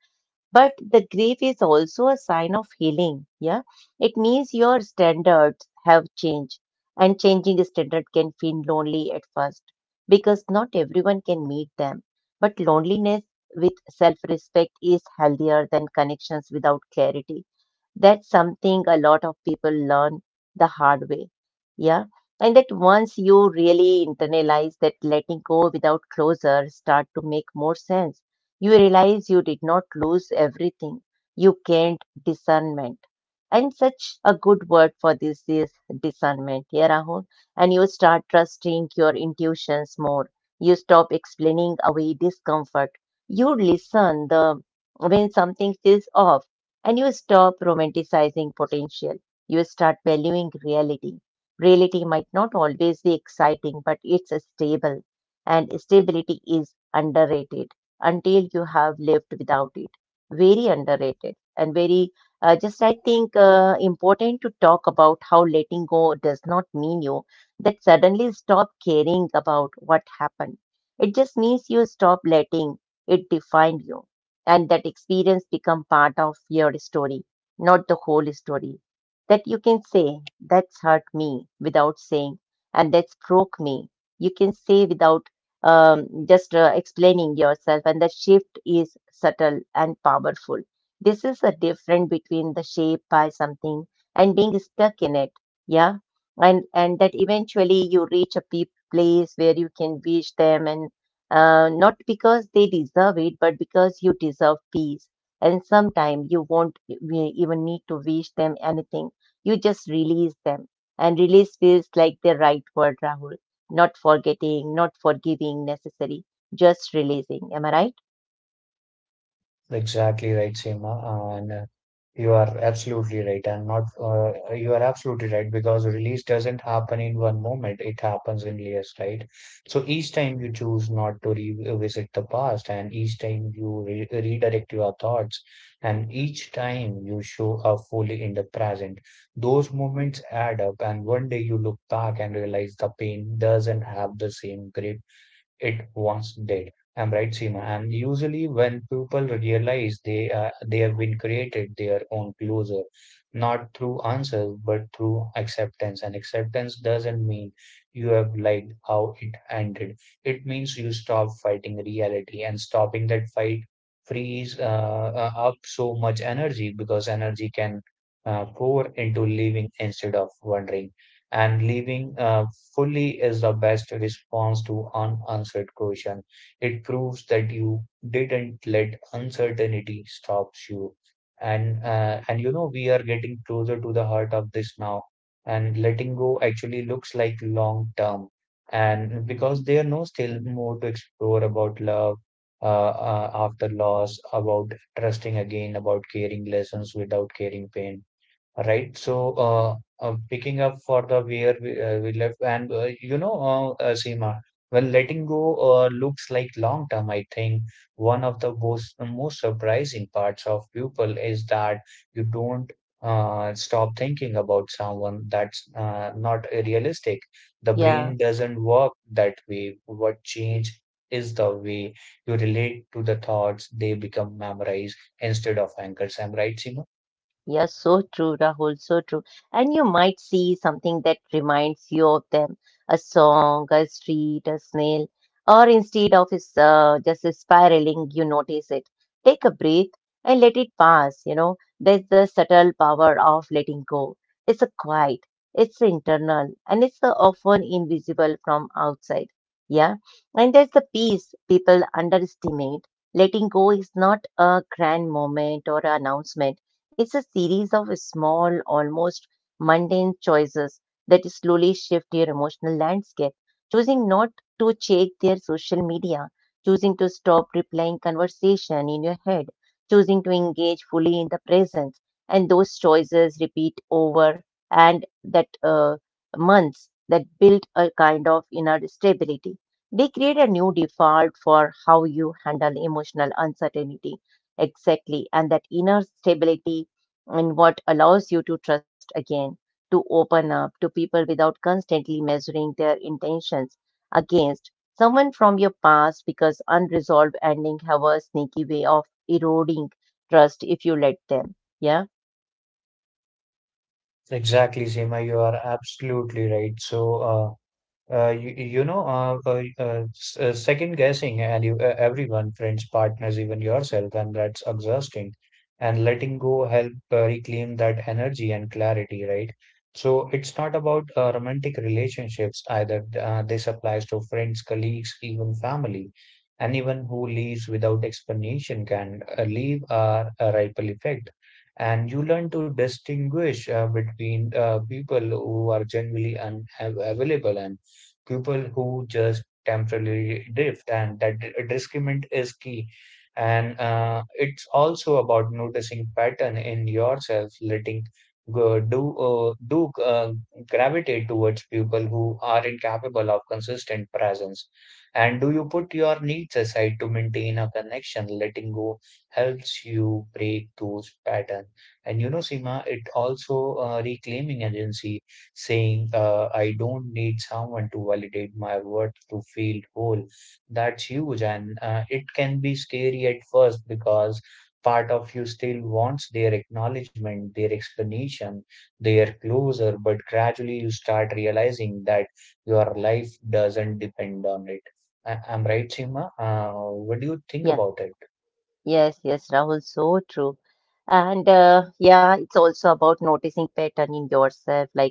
A: But the grief is also a sign of healing. Yeah. It means your standards have changed. And changing standard can feel lonely at first because not everyone can meet them. But loneliness with self respect is healthier than connections without clarity. That's something a lot of people learn the hard way. Yeah. And that once you really internalize that letting go without closure start to make more sense, you realize you did not lose everything. You gained discernment. And such a good word for this is discernment, yeah, Rahul. And you start trusting your intuitions more. You stop explaining away discomfort. You listen the when something feels off and you stop romanticizing potential. You start valuing reality. Reality might not always be exciting, but it's stable. And stability is underrated until you have lived without it. Very underrated and very, just I think, important to talk about how letting go does not mean you that suddenly stop caring about what happened. It just means you stop letting it define you, and that experience become part of your story, not the whole story. That you can say, that's hurt me without saying, and that's broke me. You can say without um, just explaining yourself, and the shift is subtle and powerful. This is the difference between the shape by something and being stuck in it. Yeah, and that eventually you reach a place where you can wish them and not because they deserve it, but because you deserve peace. And sometime you won't even need to wish them anything. You just release them. And release feels like the right word, Rahul. Not forgetting, not forgiving necessary, just releasing. Am I right?
B: Exactly right, Seema, and you are absolutely right, and not you are absolutely right because release doesn't happen in one moment; it happens in layers, right? So each time you choose not to revisit the past, and each time you re redirect your thoughts, and each time you show up fully in the present, those moments add up, and one day you look back and realize the pain doesn't have the same grip it once did. I'm right, Seema. And usually, when people realize they have been created their own closure, not through answers but through acceptance. And acceptance doesn't mean you have liked how it ended. It means you stop fighting reality, and stopping that fight frees up so much energy, because energy can pour into living instead of wondering. And living fully is the best response to unanswered question. It proves that you didn't let uncertainty stops you. And and you know we are getting closer to the heart of this now. And letting go actually looks like long term. And because there no still more to explore about love, after loss, about trusting again, about caring lessons without caring pain. Right. So, picking up for the where we left, and you know, Seema, when letting go looks like long term, I think one of the most surprising parts of people is that you don't stop thinking about someone. That's not realistic. The
A: Yeah.
B: brain doesn't work that way. What change is the way you relate to the thoughts, they become memorized instead of anchors. Am I right, Seema?
A: Yeah, so true, Rahul, so true. And you might see something that reminds you of them, a song, a street, a snail, or instead of is, just spiraling, you notice it. Take a breath and let it pass, you know. There's the subtle power of letting go. It's a quiet, it's internal, and it's the often invisible from outside. Yeah. And there's the peace people underestimate. Letting go is not a grand moment or announcement. It's a series of small, almost mundane choices that slowly shift your emotional landscape. Choosing not to check their social media, choosing to stop replying conversation in your head, choosing to engage fully in the present, and those choices repeat over and that months that build a kind of inner stability. They create a new default for how you handle emotional uncertainty. Exactly. And that inner stability and what allows you to trust again, to open up to people without constantly measuring their intentions against someone from your past, because unresolved endings have a sneaky way of eroding trust if you let them. Yeah,
B: Exactly, Seema, you are absolutely right. So, you, you know, second guessing and you, everyone, friends, partners, even yourself, and that's exhausting. And letting go help reclaim that energy and clarity, right? So it's not about romantic relationships either. This applies to friends, colleagues, even family. Anyone who leaves without explanation can leave a ripple effect. And you learn to distinguish between people who are genuinely unavailable and people who just temporarily drift, and that discernment is key. And it's also about noticing pattern in yourself, letting go, do do gravitate towards people who are incapable of consistent presence. And do you put your needs aside to maintain a connection? Letting go helps you break those patterns. And you know, Sima, it also reclaiming agency saying, I don't need someone to validate my worth to feel whole. That's huge. And it can be scary at first because part of you still wants their acknowledgement, their explanation, their closure. But gradually you start realizing that your life doesn't depend on it. I'm right, Seema. What do you think
A: yeah.
B: about it?
A: Yes, yes, Rahul, so true. And yeah, it's also about noticing pattern in yourself. Like,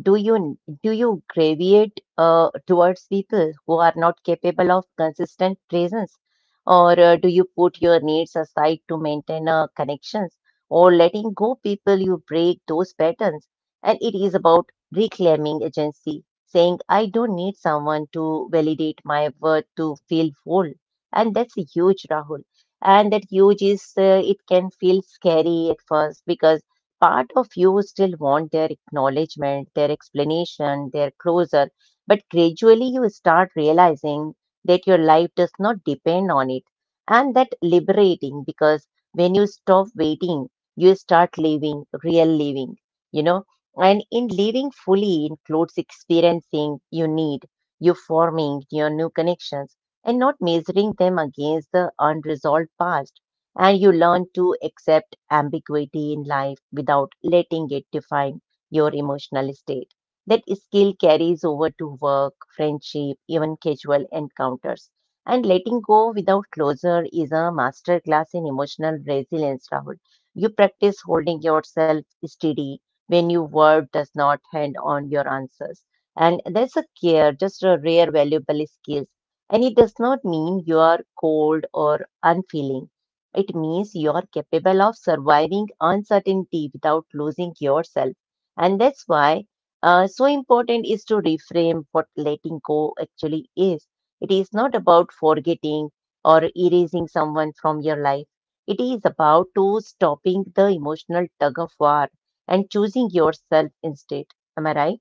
A: do you gravitate towards people who are not capable of consistent presence, or do you put your needs aside to maintain connections, or letting go people you break those patterns? And it is about reclaiming agency, saying I don't need someone to validate my worth to feel whole, and that's huge, Rahul. And that huge is it can feel scary at first because part of you still want their acknowledgement, their explanation, their closure, but gradually you start realizing that your life does not depend on it, and that liberating because when you stop waiting, you start living. Real living, you know and in living fully includes experiencing you need, you forming your new connections, and not measuring them against the unresolved past. And you learn to accept ambiguity in life without letting it define your emotional state. That skill carries over to work, friendship, even casual encounters. And letting go without closure is a masterclass in emotional resilience, Rahul. You practice holding yourself steady when your word does not hand on your answers, and that's a care, just a rare valuable skill, and it does not mean you are cold or unfeeling. It means you are capable of surviving uncertainty without losing yourself. And that's why so important is to reframe what letting go actually is. It is not about forgetting or erasing someone from your life. It is about to stopping the emotional tug of war and choosing yourself instead. Am I right?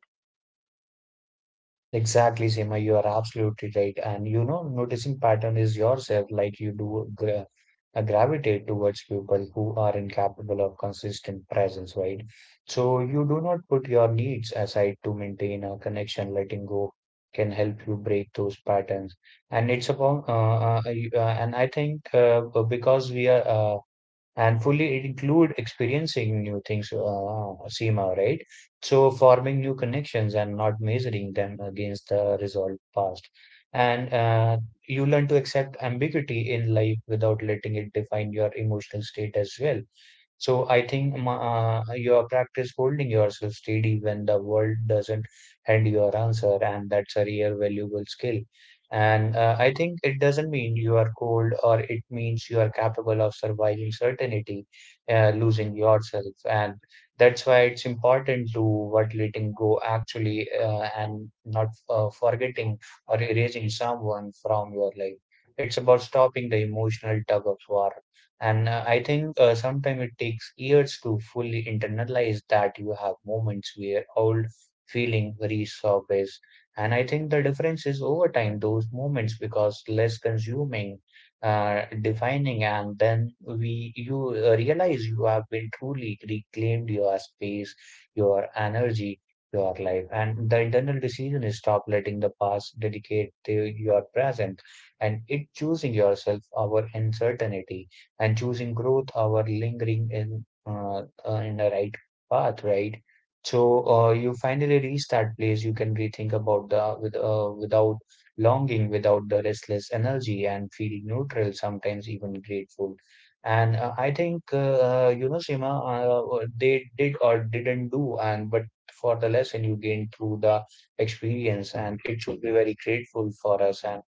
B: Exactly, Seema, you are absolutely right. And you know, noticing pattern is yourself, like you do gravitate towards people who are incapable of consistent presence, right? So you do not put your needs aside to maintain a connection. Letting go can help you break those patterns. And it's about, and I think because we are and fully include experiencing new things, Seema, right? So forming new connections and not measuring them against the resolved past. And you learn to accept ambiguity in life without letting it define your emotional state as well. So I think your practice holding yourself steady when the world doesn't hand your answer, and that's a real valuable skill. And I think it doesn't mean you are cold, or it means you are capable of surviving certainty, losing yourself. And that's why it's important to what letting go actually, and not forgetting or erasing someone from your life. It's about stopping the emotional tug of war. And I think sometimes it takes years to fully internalize that you have moments where old feeling resurface. And I think the difference is over time, those moments because less consuming, defining, and then we you realize you have been truly reclaimed your space, your energy, your life. And the internal decision is stop letting the past dedicate to your present, and it choosing yourself over uncertainty, and choosing growth our lingering in the right path, right? So you finally reach that place you can rethink about the with without longing, without the restless energy, and feel neutral, sometimes even grateful. And I think you know, Sima, they did or didn't do, and but for the lesson you gained through the experience, and it should be very grateful for us.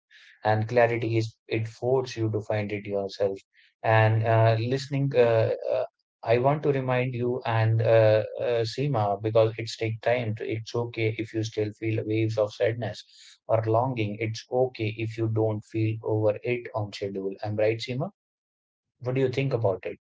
B: And clarity is it forces you to find it yourself. And listening, I want to remind you and Seema because it's take time. To, it's okay if you still feel waves of sadness or longing. It's okay if you don't feel over it on schedule. I'm right, Seema? What do you think about it?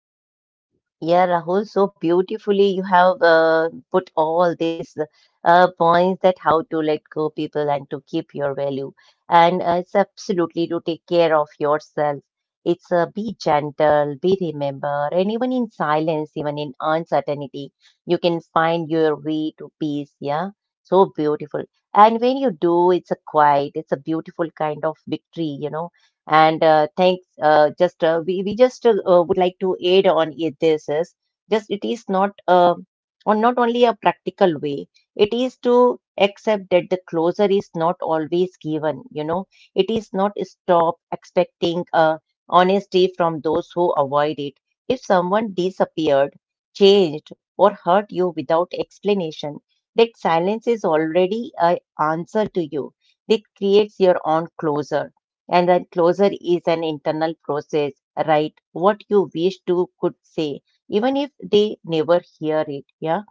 A: Yeah, Rahul, so beautifully you have put all these points that how to let go people and to keep your value. And it's absolutely to take care of yourself. It's be gentle, be remember, and even in silence, even in uncertainty, you can find your way to peace. Yeah, so beautiful. And when you do, it's a quiet, it's a beautiful kind of victory, you know, and thanks just we just would like to aid on it. This is just it is not on not only a practical way, it is to accept that the closure is not always given, it is not stop expecting honesty from those who avoid it. If someone disappeared, changed or hurt you without explanation, that silence is already an answer to you. It creates your own closure, and that closure is an internal process, right? What you wish to could say, even if they never hear it. Yeah.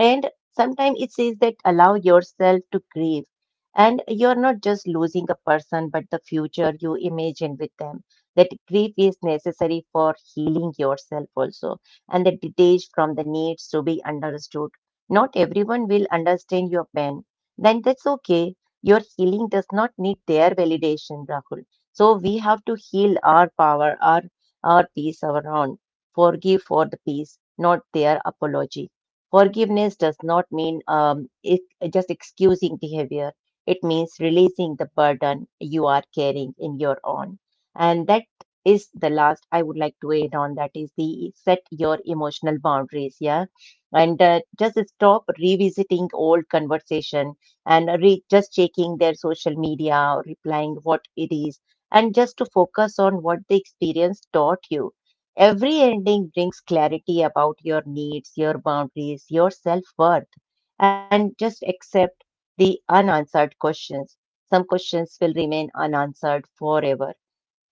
A: And sometimes it says that allow yourself to grieve. And you're not just losing a person, but the future you imagine with them. That grief is necessary for healing yourself also, and that detached from the needs to be understood. Not everyone will understand your pain. Then that's okay, your healing does not need their validation, Rahul. So we have to heal our power, our peace, our own. Forgive for the peace, not their apology. Forgiveness does not mean it, just excusing behavior. It means releasing the burden you are carrying in your own. And that is the last I would like to add on. That is the set your emotional boundaries. Yeah, and just stop revisiting old conversation and just checking their social media or replying what it is, and just to focus on what the experience taught you. Every ending brings clarity about your needs, your boundaries, your self-worth, and just accept the unanswered questions. Some questions will remain unanswered forever.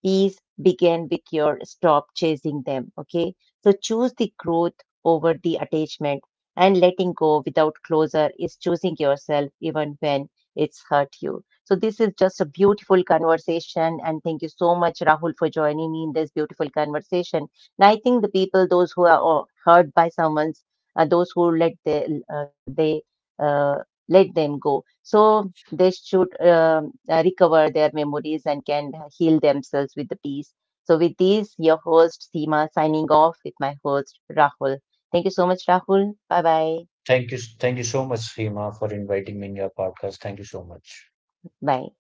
A: Peace begin with your stop chasing them. Okay. So choose the growth over the attachment, and letting go without closure is choosing yourself even when it's hurt you. So this is just a beautiful conversation, and thank you so much, Rahul, for joining me in this beautiful conversation. And I think the people, those who are hurt by someone's, those who let the, they uh, let them go. So they should recover their memories and can heal themselves with the peace. So, with these, your host Seema signing off with my host Rahul. Thank you so much, Rahul. Bye bye.
B: Thank you so much, Seema, for inviting me in your podcast. Thank you so much.
A: Bye.